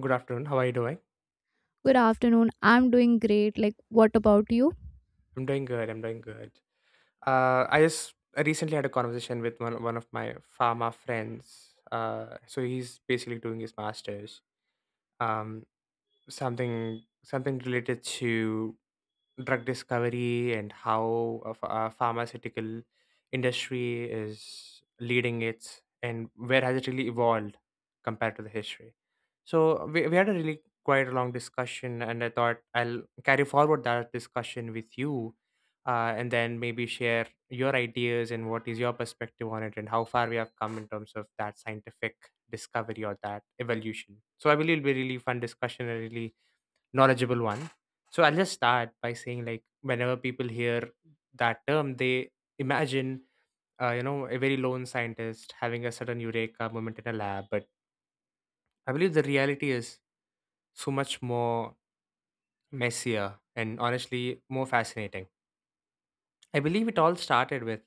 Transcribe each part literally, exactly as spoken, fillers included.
Good afternoon. How are you doing? Good afternoon. I'm doing great. Like, what about you? I'm doing good. I'm doing good. Uh, I just I recently had a conversation with one one of my pharma friends. Uh, so he's basically doing his masters. Um, something something related to drug discovery and how a, ph- a pharmaceutical industry is leading it and where has it really evolved compared to the history. So we, we had a really quite a long discussion, and I thought I'll carry forward that discussion with you, uh, and then maybe share your ideas and what is your perspective on it and how far we have come in terms of that scientific discovery or that evolution. So I believe it'll be a really fun discussion and really knowledgeable one. So I'll just start by saying, like, whenever people hear that term, they imagine uh, you know, a very lone scientist having a sudden eureka moment in a lab. But I believe the reality is so much more messier and honestly more fascinating. I believe it all started with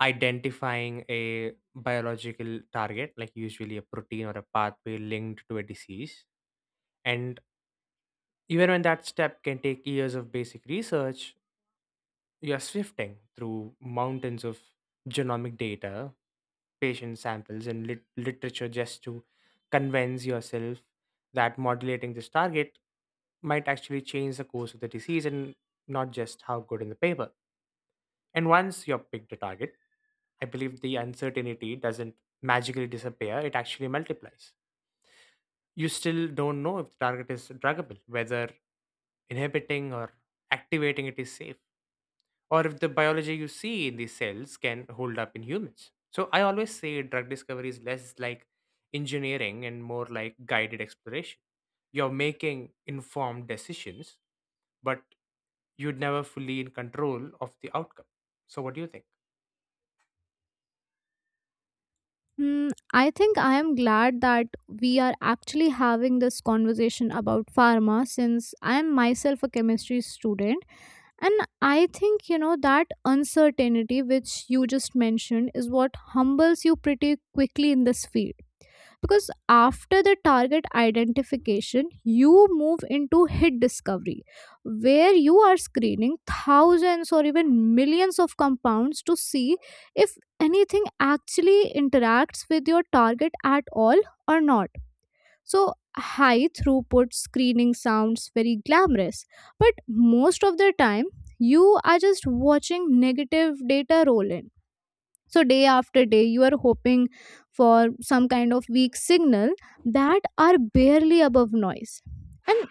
identifying a biological target, like usually a protein or a pathway linked to a disease, and even when that step can take years of basic research. You're sifting through mountains of genomic data, patient samples, and lit- literature just to convince yourself that modulating this target might actually change the course of the disease and not just how good in the paper. And once you've picked a target, I believe the uncertainty doesn't magically disappear, it actually multiplies. You still don't know if the target is druggable, whether inhibiting or activating it is safe, or if the biology you see in these cells can hold up in humans. So I always say drug discovery is less like engineering and more like guided exploration. You're making informed decisions, but you'd never fully in control of the outcome. So what do you think? Hmm, I think I am glad that we are actually having this conversation about pharma since I am myself a chemistry student. And I think, you know, that uncertainty which you just mentioned is what humbles you pretty quickly in this field. Because after the target identification, you move into hit discovery, where you are screening thousands or even millions of compounds to see if anything actually interacts with your target at all or not. So high throughput screening sounds very glamorous, but most of the time, you are just watching negative data roll in. So, day after day, you are hoping for some kind of weak signal that are barely above noise. And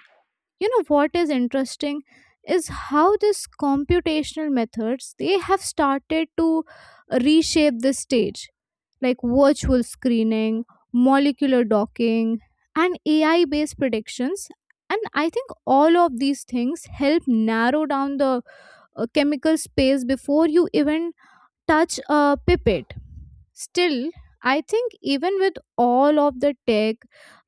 you know what is interesting is how these computational methods they have started to reshape the stage, like virtual screening, molecular docking, and ai based predictions. And I think all of these things help narrow down the uh, chemical space before you even touch a pipette. Still, I think even with all of the tech,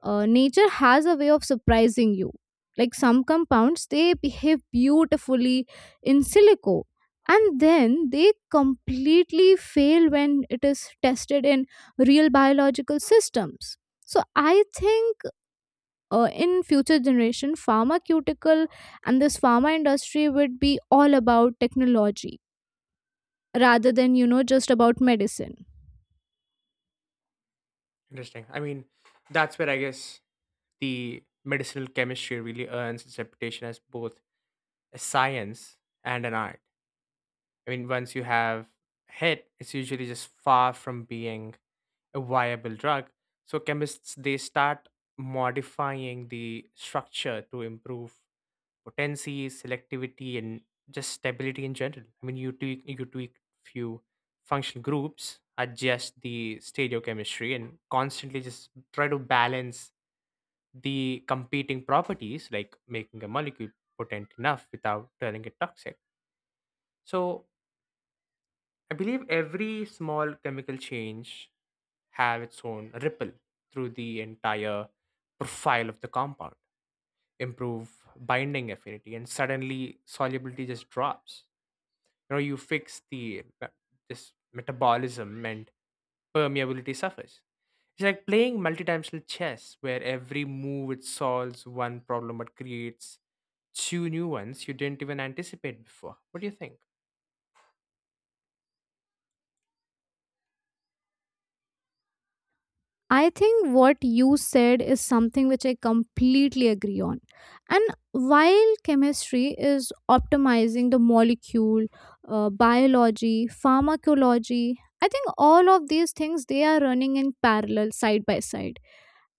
uh, nature has a way of surprising you. Like some compounds, they behave beautifully in silico and then they completely fail when it is tested in real biological systems. So I think uh, in future generation, pharmaceutical and this pharma industry would be all about technology rather than, you know, just about medicine. Interesting. I mean, that's where I guess the medicinal chemistry really earns its reputation as both a science and an art. I mean, once you have hit, it's usually just far from being a viable drug. So chemists they start modifying the structure to improve potency, selectivity, and just stability in general. I mean, you tweak you tweak few functional groups, adjust the stereochemistry, and constantly just try to balance the competing properties, like making a molecule potent enough without turning it toxic. So I believe every small chemical change have its own ripple through the entire profile of the compound, improve binding affinity, and suddenly solubility just drops. You know, you fix the me- this metabolism and permeability suffers. It's like playing multidimensional chess where every move it solves one problem but creates two new ones you didn't even anticipate before. What do you think? I think what you said is something which I completely agree on. And while chemistry is optimizing the molecule, uh, biology, pharmacology, I think all of these things they are running in parallel side by side.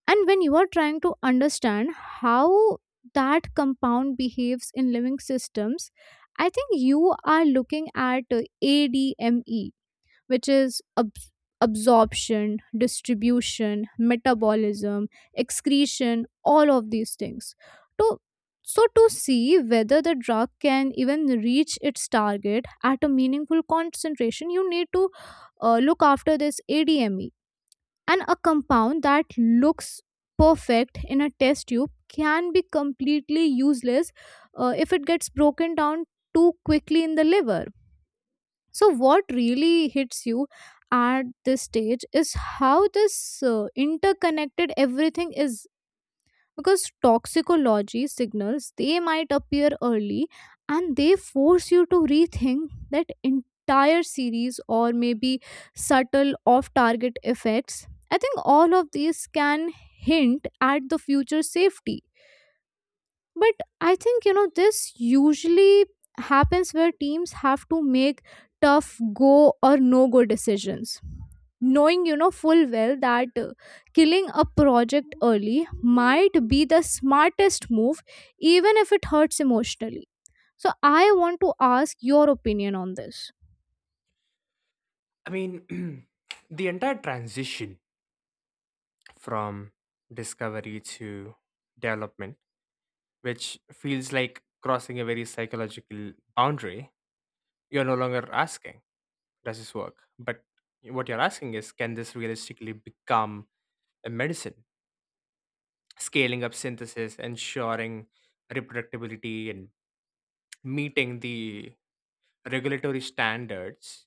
And when you are trying to understand how that compound behaves in living systems, I think you are looking at uh, A D M E, which is abs- absorption, distribution, metabolism, excretion, all of these things. To, so, to see whether the drug can even reach its target at a meaningful concentration, you need to uh, look after this A D M E. And a compound that looks perfect in a test tube can be completely useless uh, if it gets broken down too quickly in the liver. So, what really hits you at this stage is how this uh, interconnected everything is, because toxicology signals they might appear early and they force you to rethink that entire series, or maybe subtle off target effects. I think all of these can hint at the future safety. But I think, you know, this usually happens where teams have to make tough go or no go decisions. Knowing, you know, full well that uh, killing a project early might be the smartest move, even if it hurts emotionally. So I want to ask your opinion on this. I mean, the entire transition from discovery to development which feels like crossing a very psychological boundary. You're no longer asking, does this work? But what you're asking is, can this realistically become a medicine? Scaling up synthesis, ensuring reproductibility, and meeting the regulatory standards,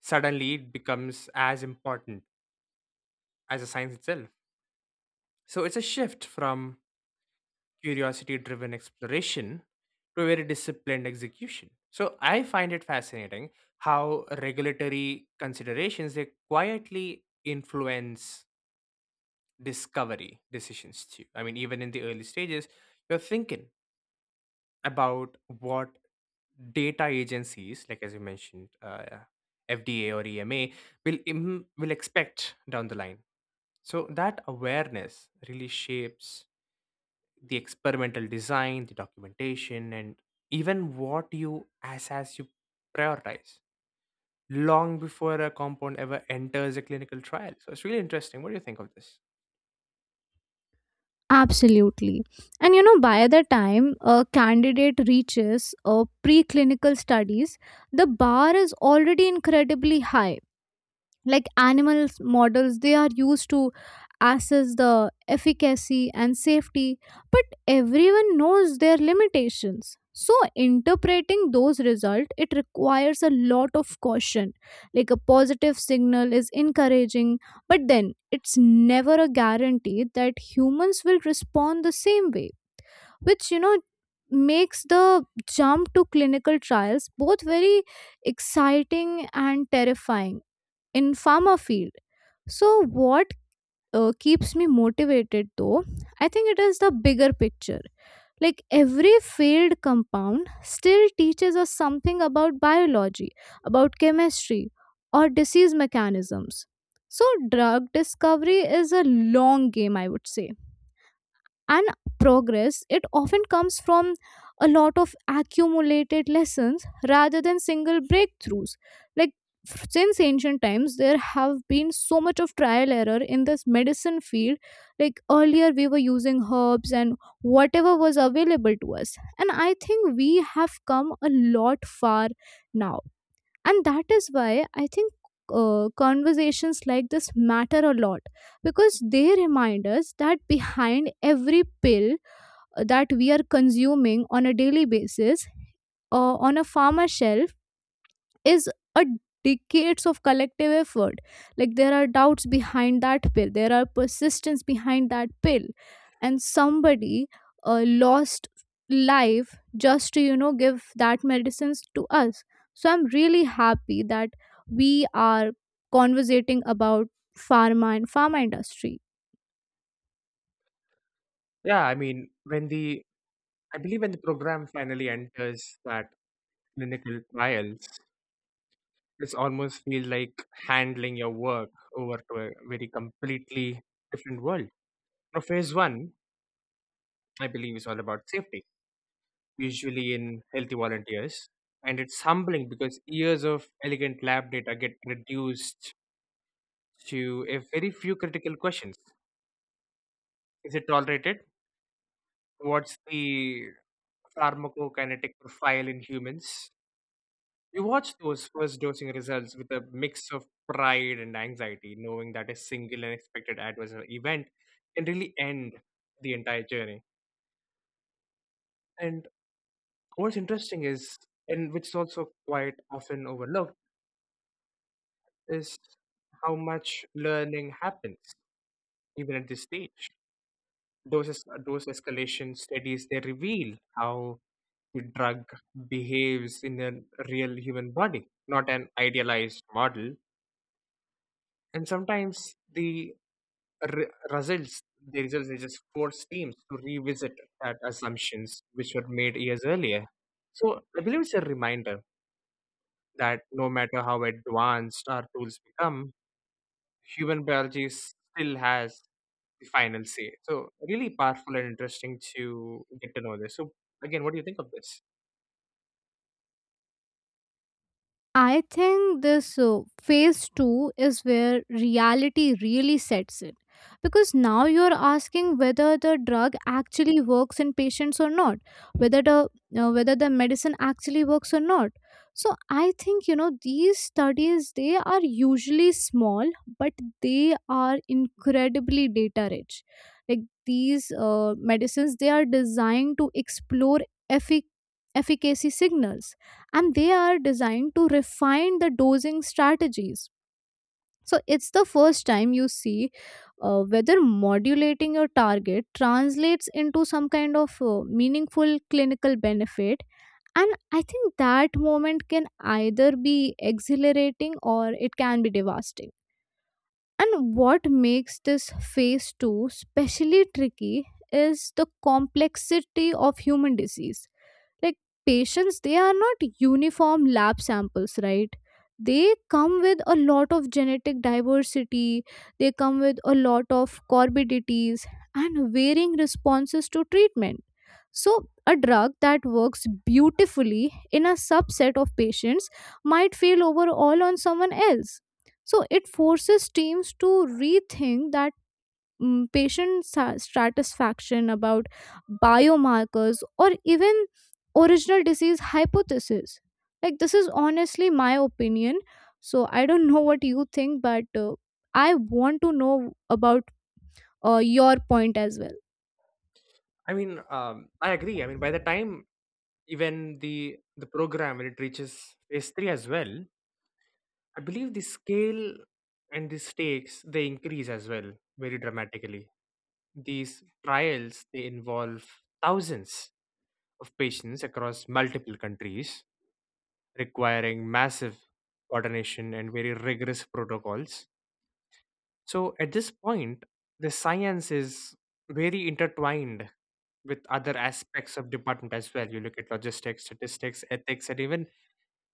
suddenly it becomes as important as the science itself. So it's a shift from curiosity driven exploration to very disciplined execution. So I find it fascinating how regulatory considerations they quietly influence discovery decisions too. I mean, even in the early stages you're thinking about what data agencies, like as you mentioned, uh, FDA or EMA will im- will expect down the line. So that awareness really shapes the experimental design, the documentation, and even what you, as as you, prioritize long before a compound ever enters a clinical trial. So it's really interesting. What do you think of this? Absolutely. And you know, by the time a candidate reaches uh, preclinical studies, the bar is already incredibly high. Like animals models, they are used to assess the efficacy and safety, but everyone knows their limitations. So interpreting those results, it requires a lot of caution. Like a positive signal is encouraging, but then it's never a guarantee that humans will respond the same way, which, you know, makes the jump to clinical trials both very exciting and terrifying in farmer field. So what uh, keeps me motivated, though, I think it is the bigger picture. Like every failed compound still teaches us something about biology, about chemistry, or disease mechanisms. So drug discovery is a long game, I would say. And progress, it often comes from a lot of accumulated lessons rather than single breakthroughs. Like, f- since ancient times there have been so much of trial error in this medicine field. Like, earlier we were using herbs and whatever was available to us, and I think we have come a lot far now. And that is why I think uh, conversations like this matter a lot, because they remind us that behind every pill uh, that we are consuming on a daily basis, uh, on a farmer shelf, is a decades of collective effort. Like, there are doubts behind that pill, there are persistence behind that pill, and somebody uh, lost life just to, you know, give that medicines to us. So I'm really happy that we are conversating about pharma and pharma industry. Yeah, I mean, when the I believe when the program finally enters that clinical trials, it's almost feels like handling your work over to a very completely different world. Now, phase one, I believe, is all about safety, usually in healthy volunteers. And it's humbling because years of elegant lab data get reduced to a very few critical questions. Is it tolerated? What's the pharmacokinetic profile in humans? You watch those first dosing results with a mix of pride and anxiety, knowing that a single unexpected adverse event can really end the entire journey. And what's interesting is, and which is also quite often overlooked, is how much learning happens even at this stage. Those es- those escalation studies they reveal how the drug behaves in a real human body, not an idealized model. And sometimes the re- results the results they just force teams to revisit that assumptions which were made years earlier. So I believe it's a reminder that no matter how advanced our tools become, human biology still has the final say. So really powerful and interesting to get to know this. So again, what do you think of this? I think this uh, phase two is where reality really sets in. Because now you're asking whether the drug actually works in patients or not, whether the uh, whether the medicine actually works or not. So I think you know these studies they are usually small, but they are incredibly data rich. Like these uh, medicines, they are designed to explore effic- efficacy signals, and they are designed to refine the dosing strategies. So it's the first time you see uh, whether modulating your target translates into some kind of uh, meaningful clinical benefit. And I think that moment can either be exhilarating or it can be devastating. And what makes this phase two especially tricky is the complexity of human disease. Like, patients, they are not uniform lab samples, right? They come with a lot of genetic diversity, they come with a lot of comorbidities, and varying responses to treatment. So a drug that works beautifully in a subset of patients might fail overall on someone else. So it forces teams to rethink that mm, patient sa- satisfaction, about biomarkers, or even original disease hypothesis. Like, this is honestly my opinion. So, I don't know what you think, but uh, I want to know about uh, your point as well. I mean, um, I agree. I mean, by the time even the the program when it reaches phase three as well, I believe the scale and the stakes they increase as well very dramatically. These trials they involve thousands of patients across multiple countries, requiring massive coordination and very rigorous protocols. So at this point, the science is very intertwined with other aspects of department as well. You look at logistics, statistics, ethics, and even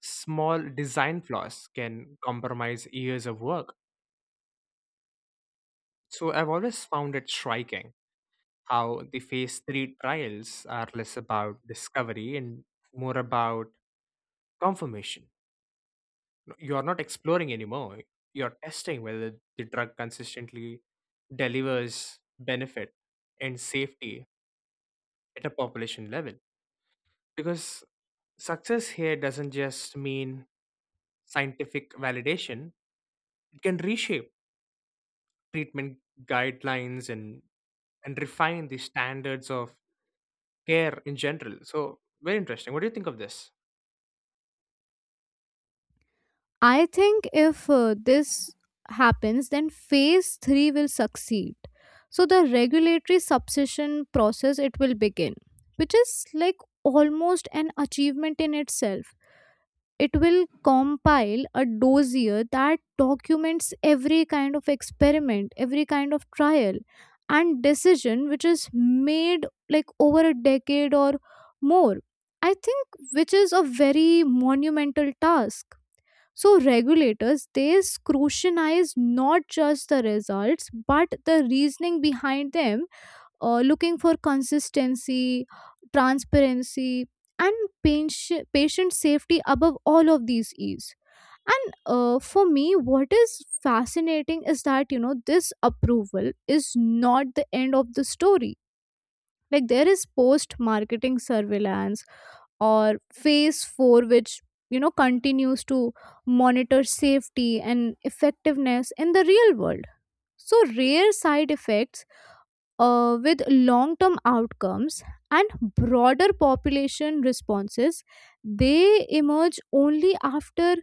small design flaws can compromise years of work. So I've always found it striking how the phase three trials are less about discovery and more about confirmation. You're not exploring anymore. You're testing whether the drug consistently delivers benefit and safety at a population level. Because success here doesn't just mean scientific validation, it can reshape treatment guidelines, and, and refine the standards of care in general. So, very interesting. What do you think of this? I think if uh, this happens, then phase three will succeed. So, the regulatory subsession process, it will begin, which is like almost an achievement in itself. It will compile a dossier that documents every kind of experiment, every kind of trial and decision which is made, like over a decade or more. I think, which is a very monumental task. So regulators, they scrutinize not just the results but the reasoning behind them, uh, looking for consistency, transparency, and patient, patient safety above all of these is. And uh, for me, what is fascinating is that, you know, this approval is not the end of the story. Like, there is post marketing surveillance or phase four, which, you know, continues to monitor safety and effectiveness in the real world. So, rare side effects uh, with long term outcomes and broader population responses, they emerge only after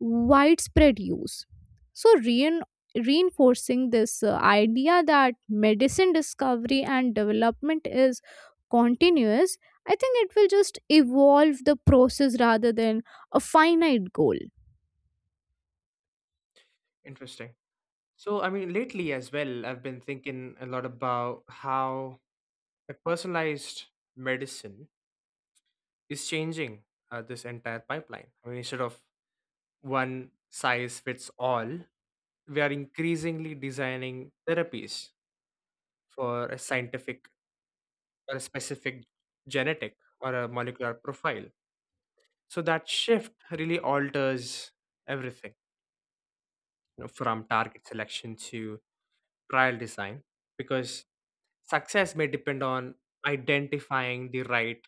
widespread use. So, rein- reinforcing this uh, idea that medicine discovery and development is continuous, I think it will just evolve the process rather than a finite goal. Interesting. So, I mean, lately as well, I've been thinking a lot about how the personalized medicine is changing uh, this entire pipeline. I mean, instead of one size fits all, we are increasingly designing therapies for a scientific or a specific genetic or a molecular profile. So that shift really alters everything. You know, from target selection to trial design because success may depend on identifying the right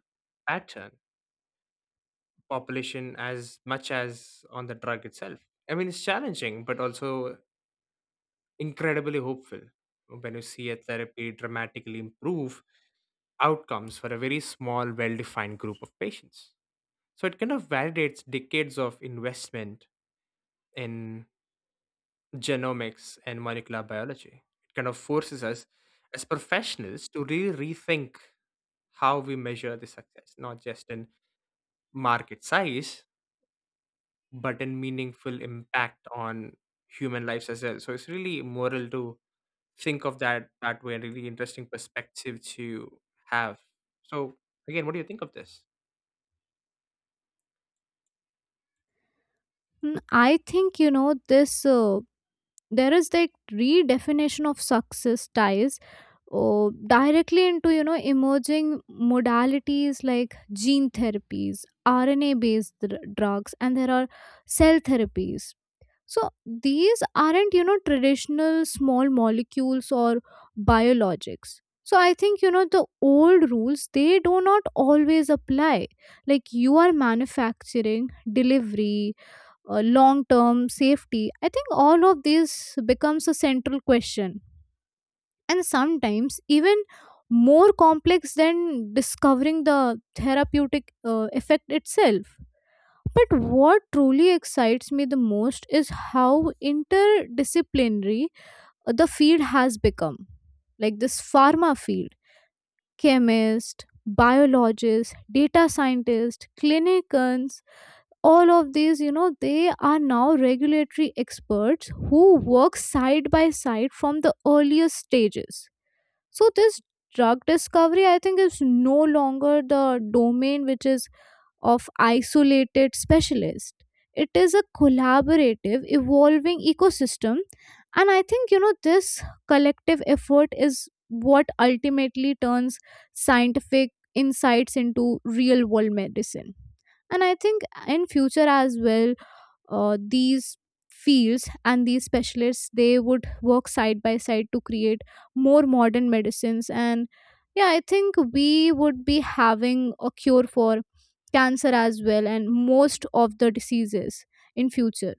pattern population as much as on the drug itself. I mean, it's challenging, but also incredibly hopeful when you see a therapy dramatically improve outcomes for a very small, well defined group of patients. So it kind of validates decades of investment in genomics and molecular biology. It kind of forces us as professionals to really rethink how we measure the success, not just in market size, but in meaningful impact on human lives as well. So it's really moral to think of that that way, a really interesting perspective to have. So again, what do you think of this? Mm, I think, you know, this. Uh, there is like redefinition of success ties uh, directly into, you know, emerging modalities like gene therapies, rna based drugs, and there are cell therapies. So these aren't, you know, traditional small molecules or biologics. So I think, you know, the old rules they do not always apply. Like you are manufacturing, delivery, uh, long term safety, I think all of this becomes a central question, and sometimes even more complex than discovering the therapeutic uh, effect itself. But what truly excites me the most is how interdisciplinary uh, the field has become. Like this pharma field, chemist, biologists, data scientists, clinicians, all of these, you know, they are now regulatory experts who work side by side from the earliest stages. So this drug discovery, I think, is no longer the domain which is of isolated specialists. It is a collaborative, evolving ecosystem, and I think, you know, this collective effort is what ultimately turns scientific insights into real world medicine. And I think in future as well, uh, these fields and these specialists, they would work side by side to create more modern medicines. And yeah, I think we would be having a cure for cancer as well and most of the diseases in future.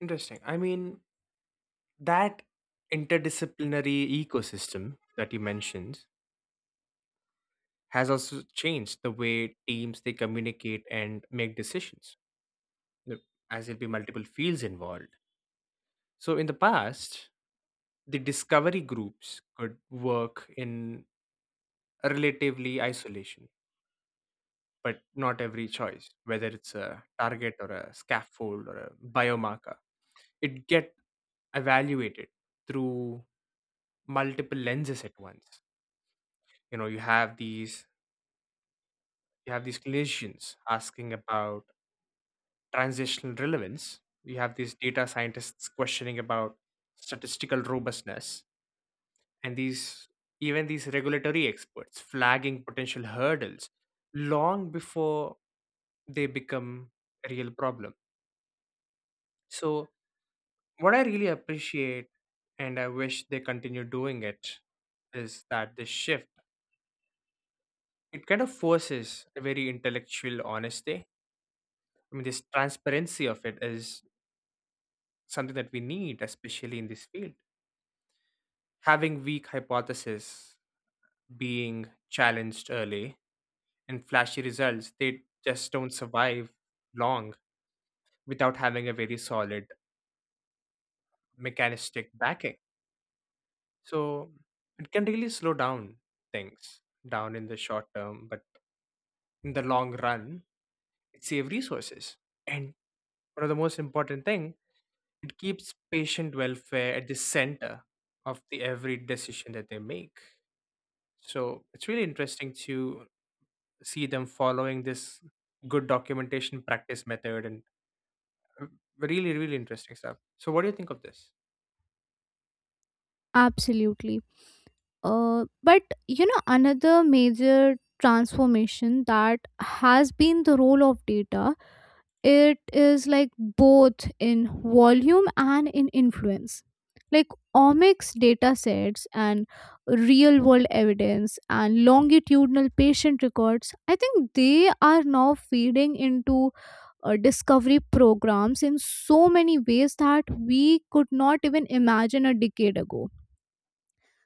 Interesting. I mean, that interdisciplinary ecosystem that you mentioned has also changed the way teams they communicate and make decisions. You know, as there'll be multiple fields involved, so in the past the discovery groups could work in a relatively isolation, but not every choice, whether it's a target or a scaffold or a biomarker, it get evaluated through multiple lenses at once. You know, you have these you have these clinicians asking about transitional relevance, you have these data scientists questioning about statistical robustness, and these, even these regulatory experts flagging potential hurdles long before they become a real problem. So what I really appreciate, and I wish they continue doing it, is that this shift it kind of forces a very intellectual honesty. I mean, this transparency of it is something that we need, especially in this field. Having weak hypotheses, being challenged early, and flashy results, they just don't survive long without having a very solid mechanistic backing. So it can really slow down things down in the short term, but in the long run, it saves resources. And one of the most important thing, it keeps patient welfare at the center of the every decision that they make. So it's really interesting to see them following this good documentation practice method and uh, really, really interesting stuff. So, what do you think of this? Absolutely. uh, but you know another major transformation that has been the role of data. It is like both in volume and in influence. Like omics data sets and real world evidence and longitudinal patient records, I think they are now feeding into uh, discovery programs in so many ways that we could not even imagine a decade ago.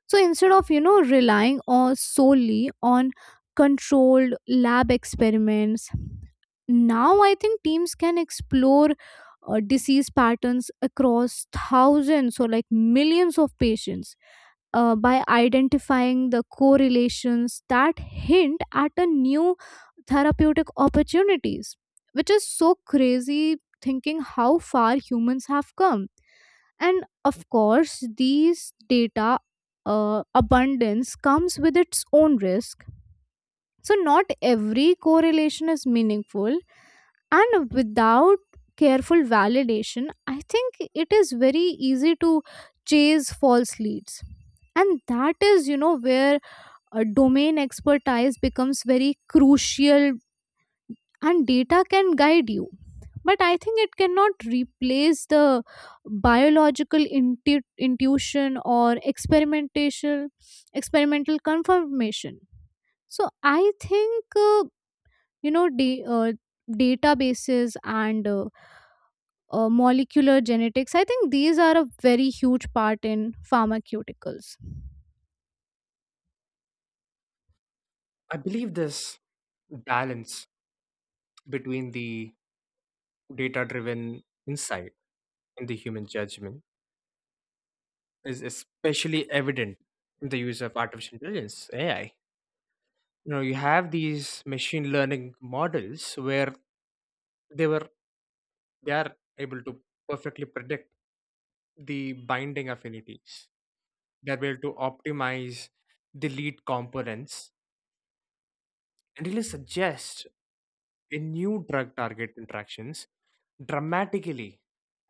So instead of, you know, relying on solely on controlled lab experiments now, I think teams can explore uh, disease patterns across thousands or like millions of patients, uh, by identifying the correlations that hint at a new therapeutic opportunities, which is so crazy thinking how far humans have come. And of course these data uh, abundance comes with its own risk. So not every correlation is meaningful, and without careful validation I think it is very easy to chase false leads. And that is, you know, where a domain expertise becomes very crucial. And data can guide you, but I think it cannot replace the biological intu- intuition or experimentation experimental confirmation. So I think uh, you know da- uh, databases and uh, uh, molecular genetics. I think these are a very huge part in pharmaceuticals. I believe this balance between the data driven insight and the human judgment is especially evident in the use of artificial intelligence, A I. You know, you have these machine learning models where they were they are able to perfectly predict the binding affinities, they're able to optimize the lead components and really suggest a new drug target interactions, dramatically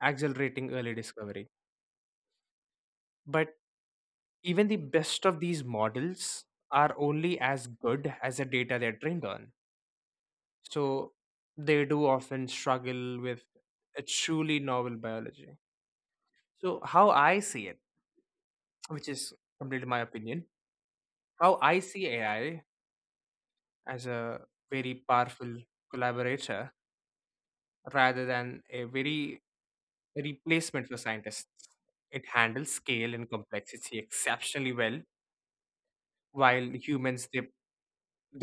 accelerating early discovery. But even the best of these models are only as good as the data they're trained on. So they do often struggle with a truly novel biology. So, how I see it, which is completely my opinion, how I see A I as a very powerful collaborator rather than a very replacement for scientists. It handles scale and complexity exceptionally well, while humans they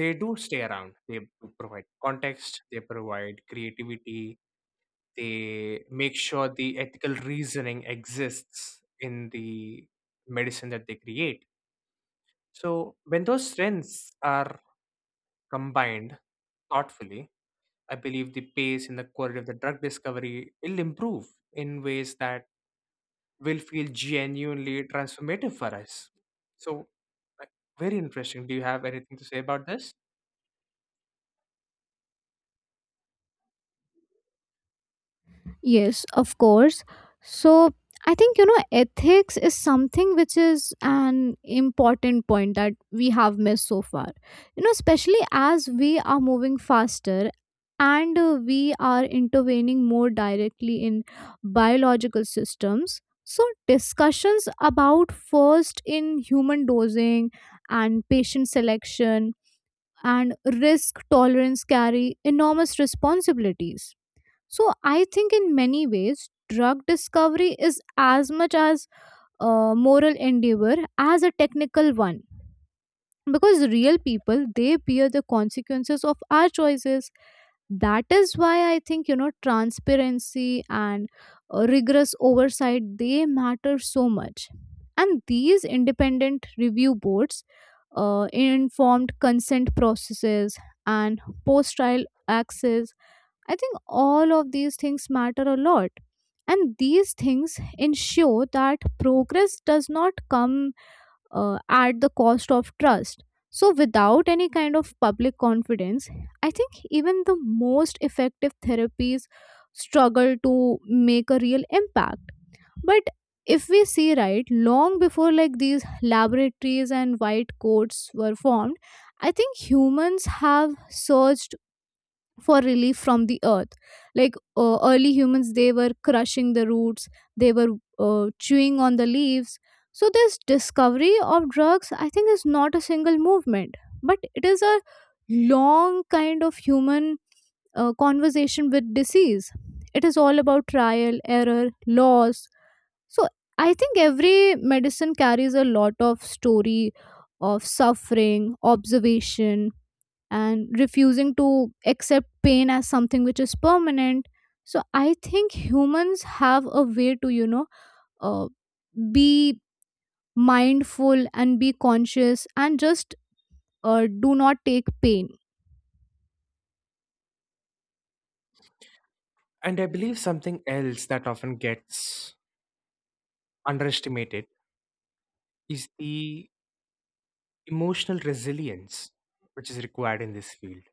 they do stay around. They provide context, they provide creativity, they make sure the ethical reasoning exists in the medicine that they create. So when those strengths are combined thoughtfully, I believe the pace and the quality of the drug discovery will improve in ways that will feel genuinely transformative for us. So, like, very interesting. Do you have anything to say about this? Yes, of course. So I think, you know, ethics is something which is an important point that we have missed so far. You know, especially as we are moving faster and uh, we are intervening more directly in biological systems. So discussions about first in human dosing and patient selection and risk tolerance carry enormous responsibilities. So, I think in many ways, drug discovery is as much as a moral endeavor as a technical one, because real people they bear the consequences of our choices. That is why I think, you know, transparency and uh, rigorous oversight they matter so much. And these independent review boards, uh, informed consent processes, and post trial access, I think all of these things matter a lot. And these things ensure that progress does not come uh, at the cost of trust. So, without any kind of public confidence, I think even the most effective therapies struggle to make a real impact. But if we see right, long before like these laboratories and white coats were formed, I think humans have searched for relief from the earth. Like uh, early humans they were crushing the roots, they were uh, chewing on the leaves. So this discovery of drugs, I think, is not a single movement, but it is a long kind of human uh, conversation with disease. It is all about trial error, loss. So I think every medicine carries a lot of story of suffering observation and refusing to accept pain as something which is permanent. So I think humans have a way to, you know, uh, be mindful and be conscious and just uh, do not take pain. And I believe something else that often gets underestimated is the emotional resilience which is required in this field.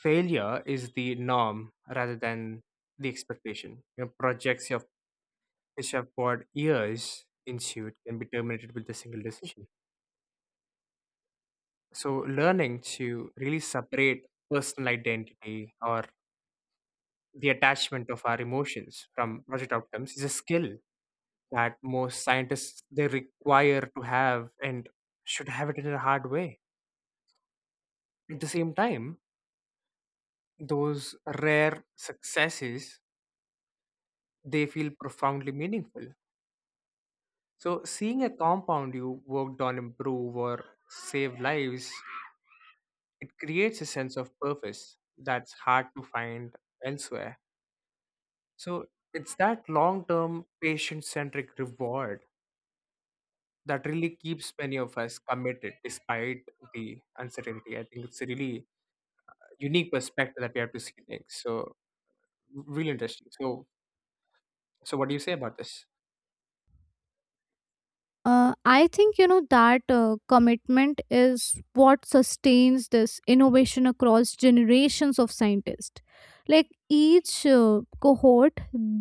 Failure is the norm rather than the expectation. You know, projects you have, which have poured years into it, can be terminated with a single decision. So, learning to really separate personal identity or the attachment of our emotions from project outcomes is a skill that most scientists they require to have and should have it in a hard way. At the same time, those rare successes they feel profoundly meaningful. So seeing a compound you worked on improve or save lives, it creates a sense of purpose that's hard to find elsewhere. So it's that long term patient centric reward that really keeps many of us committed despite the uncertainty. I think it's a really unique perspective that we have to see next. So really interesting. So so what do you say about this? Uh, I think, you know, that uh, commitment is what sustains this innovation across generations of scientists. Like each uh, cohort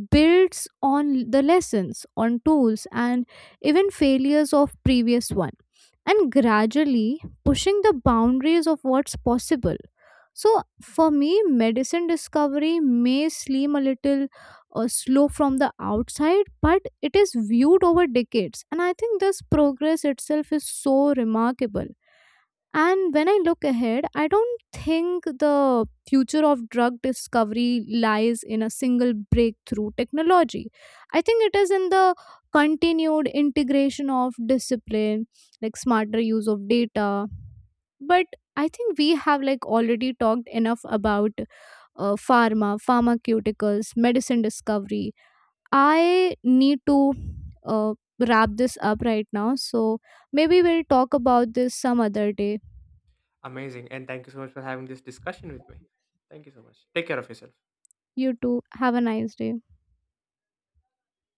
builds on the lessons, on tools, and even failures of previous one, and gradually pushing the boundaries of what's possible. So for me, medicine discovery may seem a little uh, slow from the outside, but it is viewed over decades. And I think this progress itself is so remarkable. And when I look ahead, I don't think the future of drug discovery lies in a single breakthrough technology. I think it is in the continued integration of discipline, like smarter use of data. But I think we have like already talked enough about uh, pharma, pharmaceuticals, medicine discovery. I need to uh, wrap this up right now. So maybe we'll talk about this some other day. Amazing. And thank you so much for having this discussion with me. Thank you so much. Take care of yourself. You too. Have a nice day.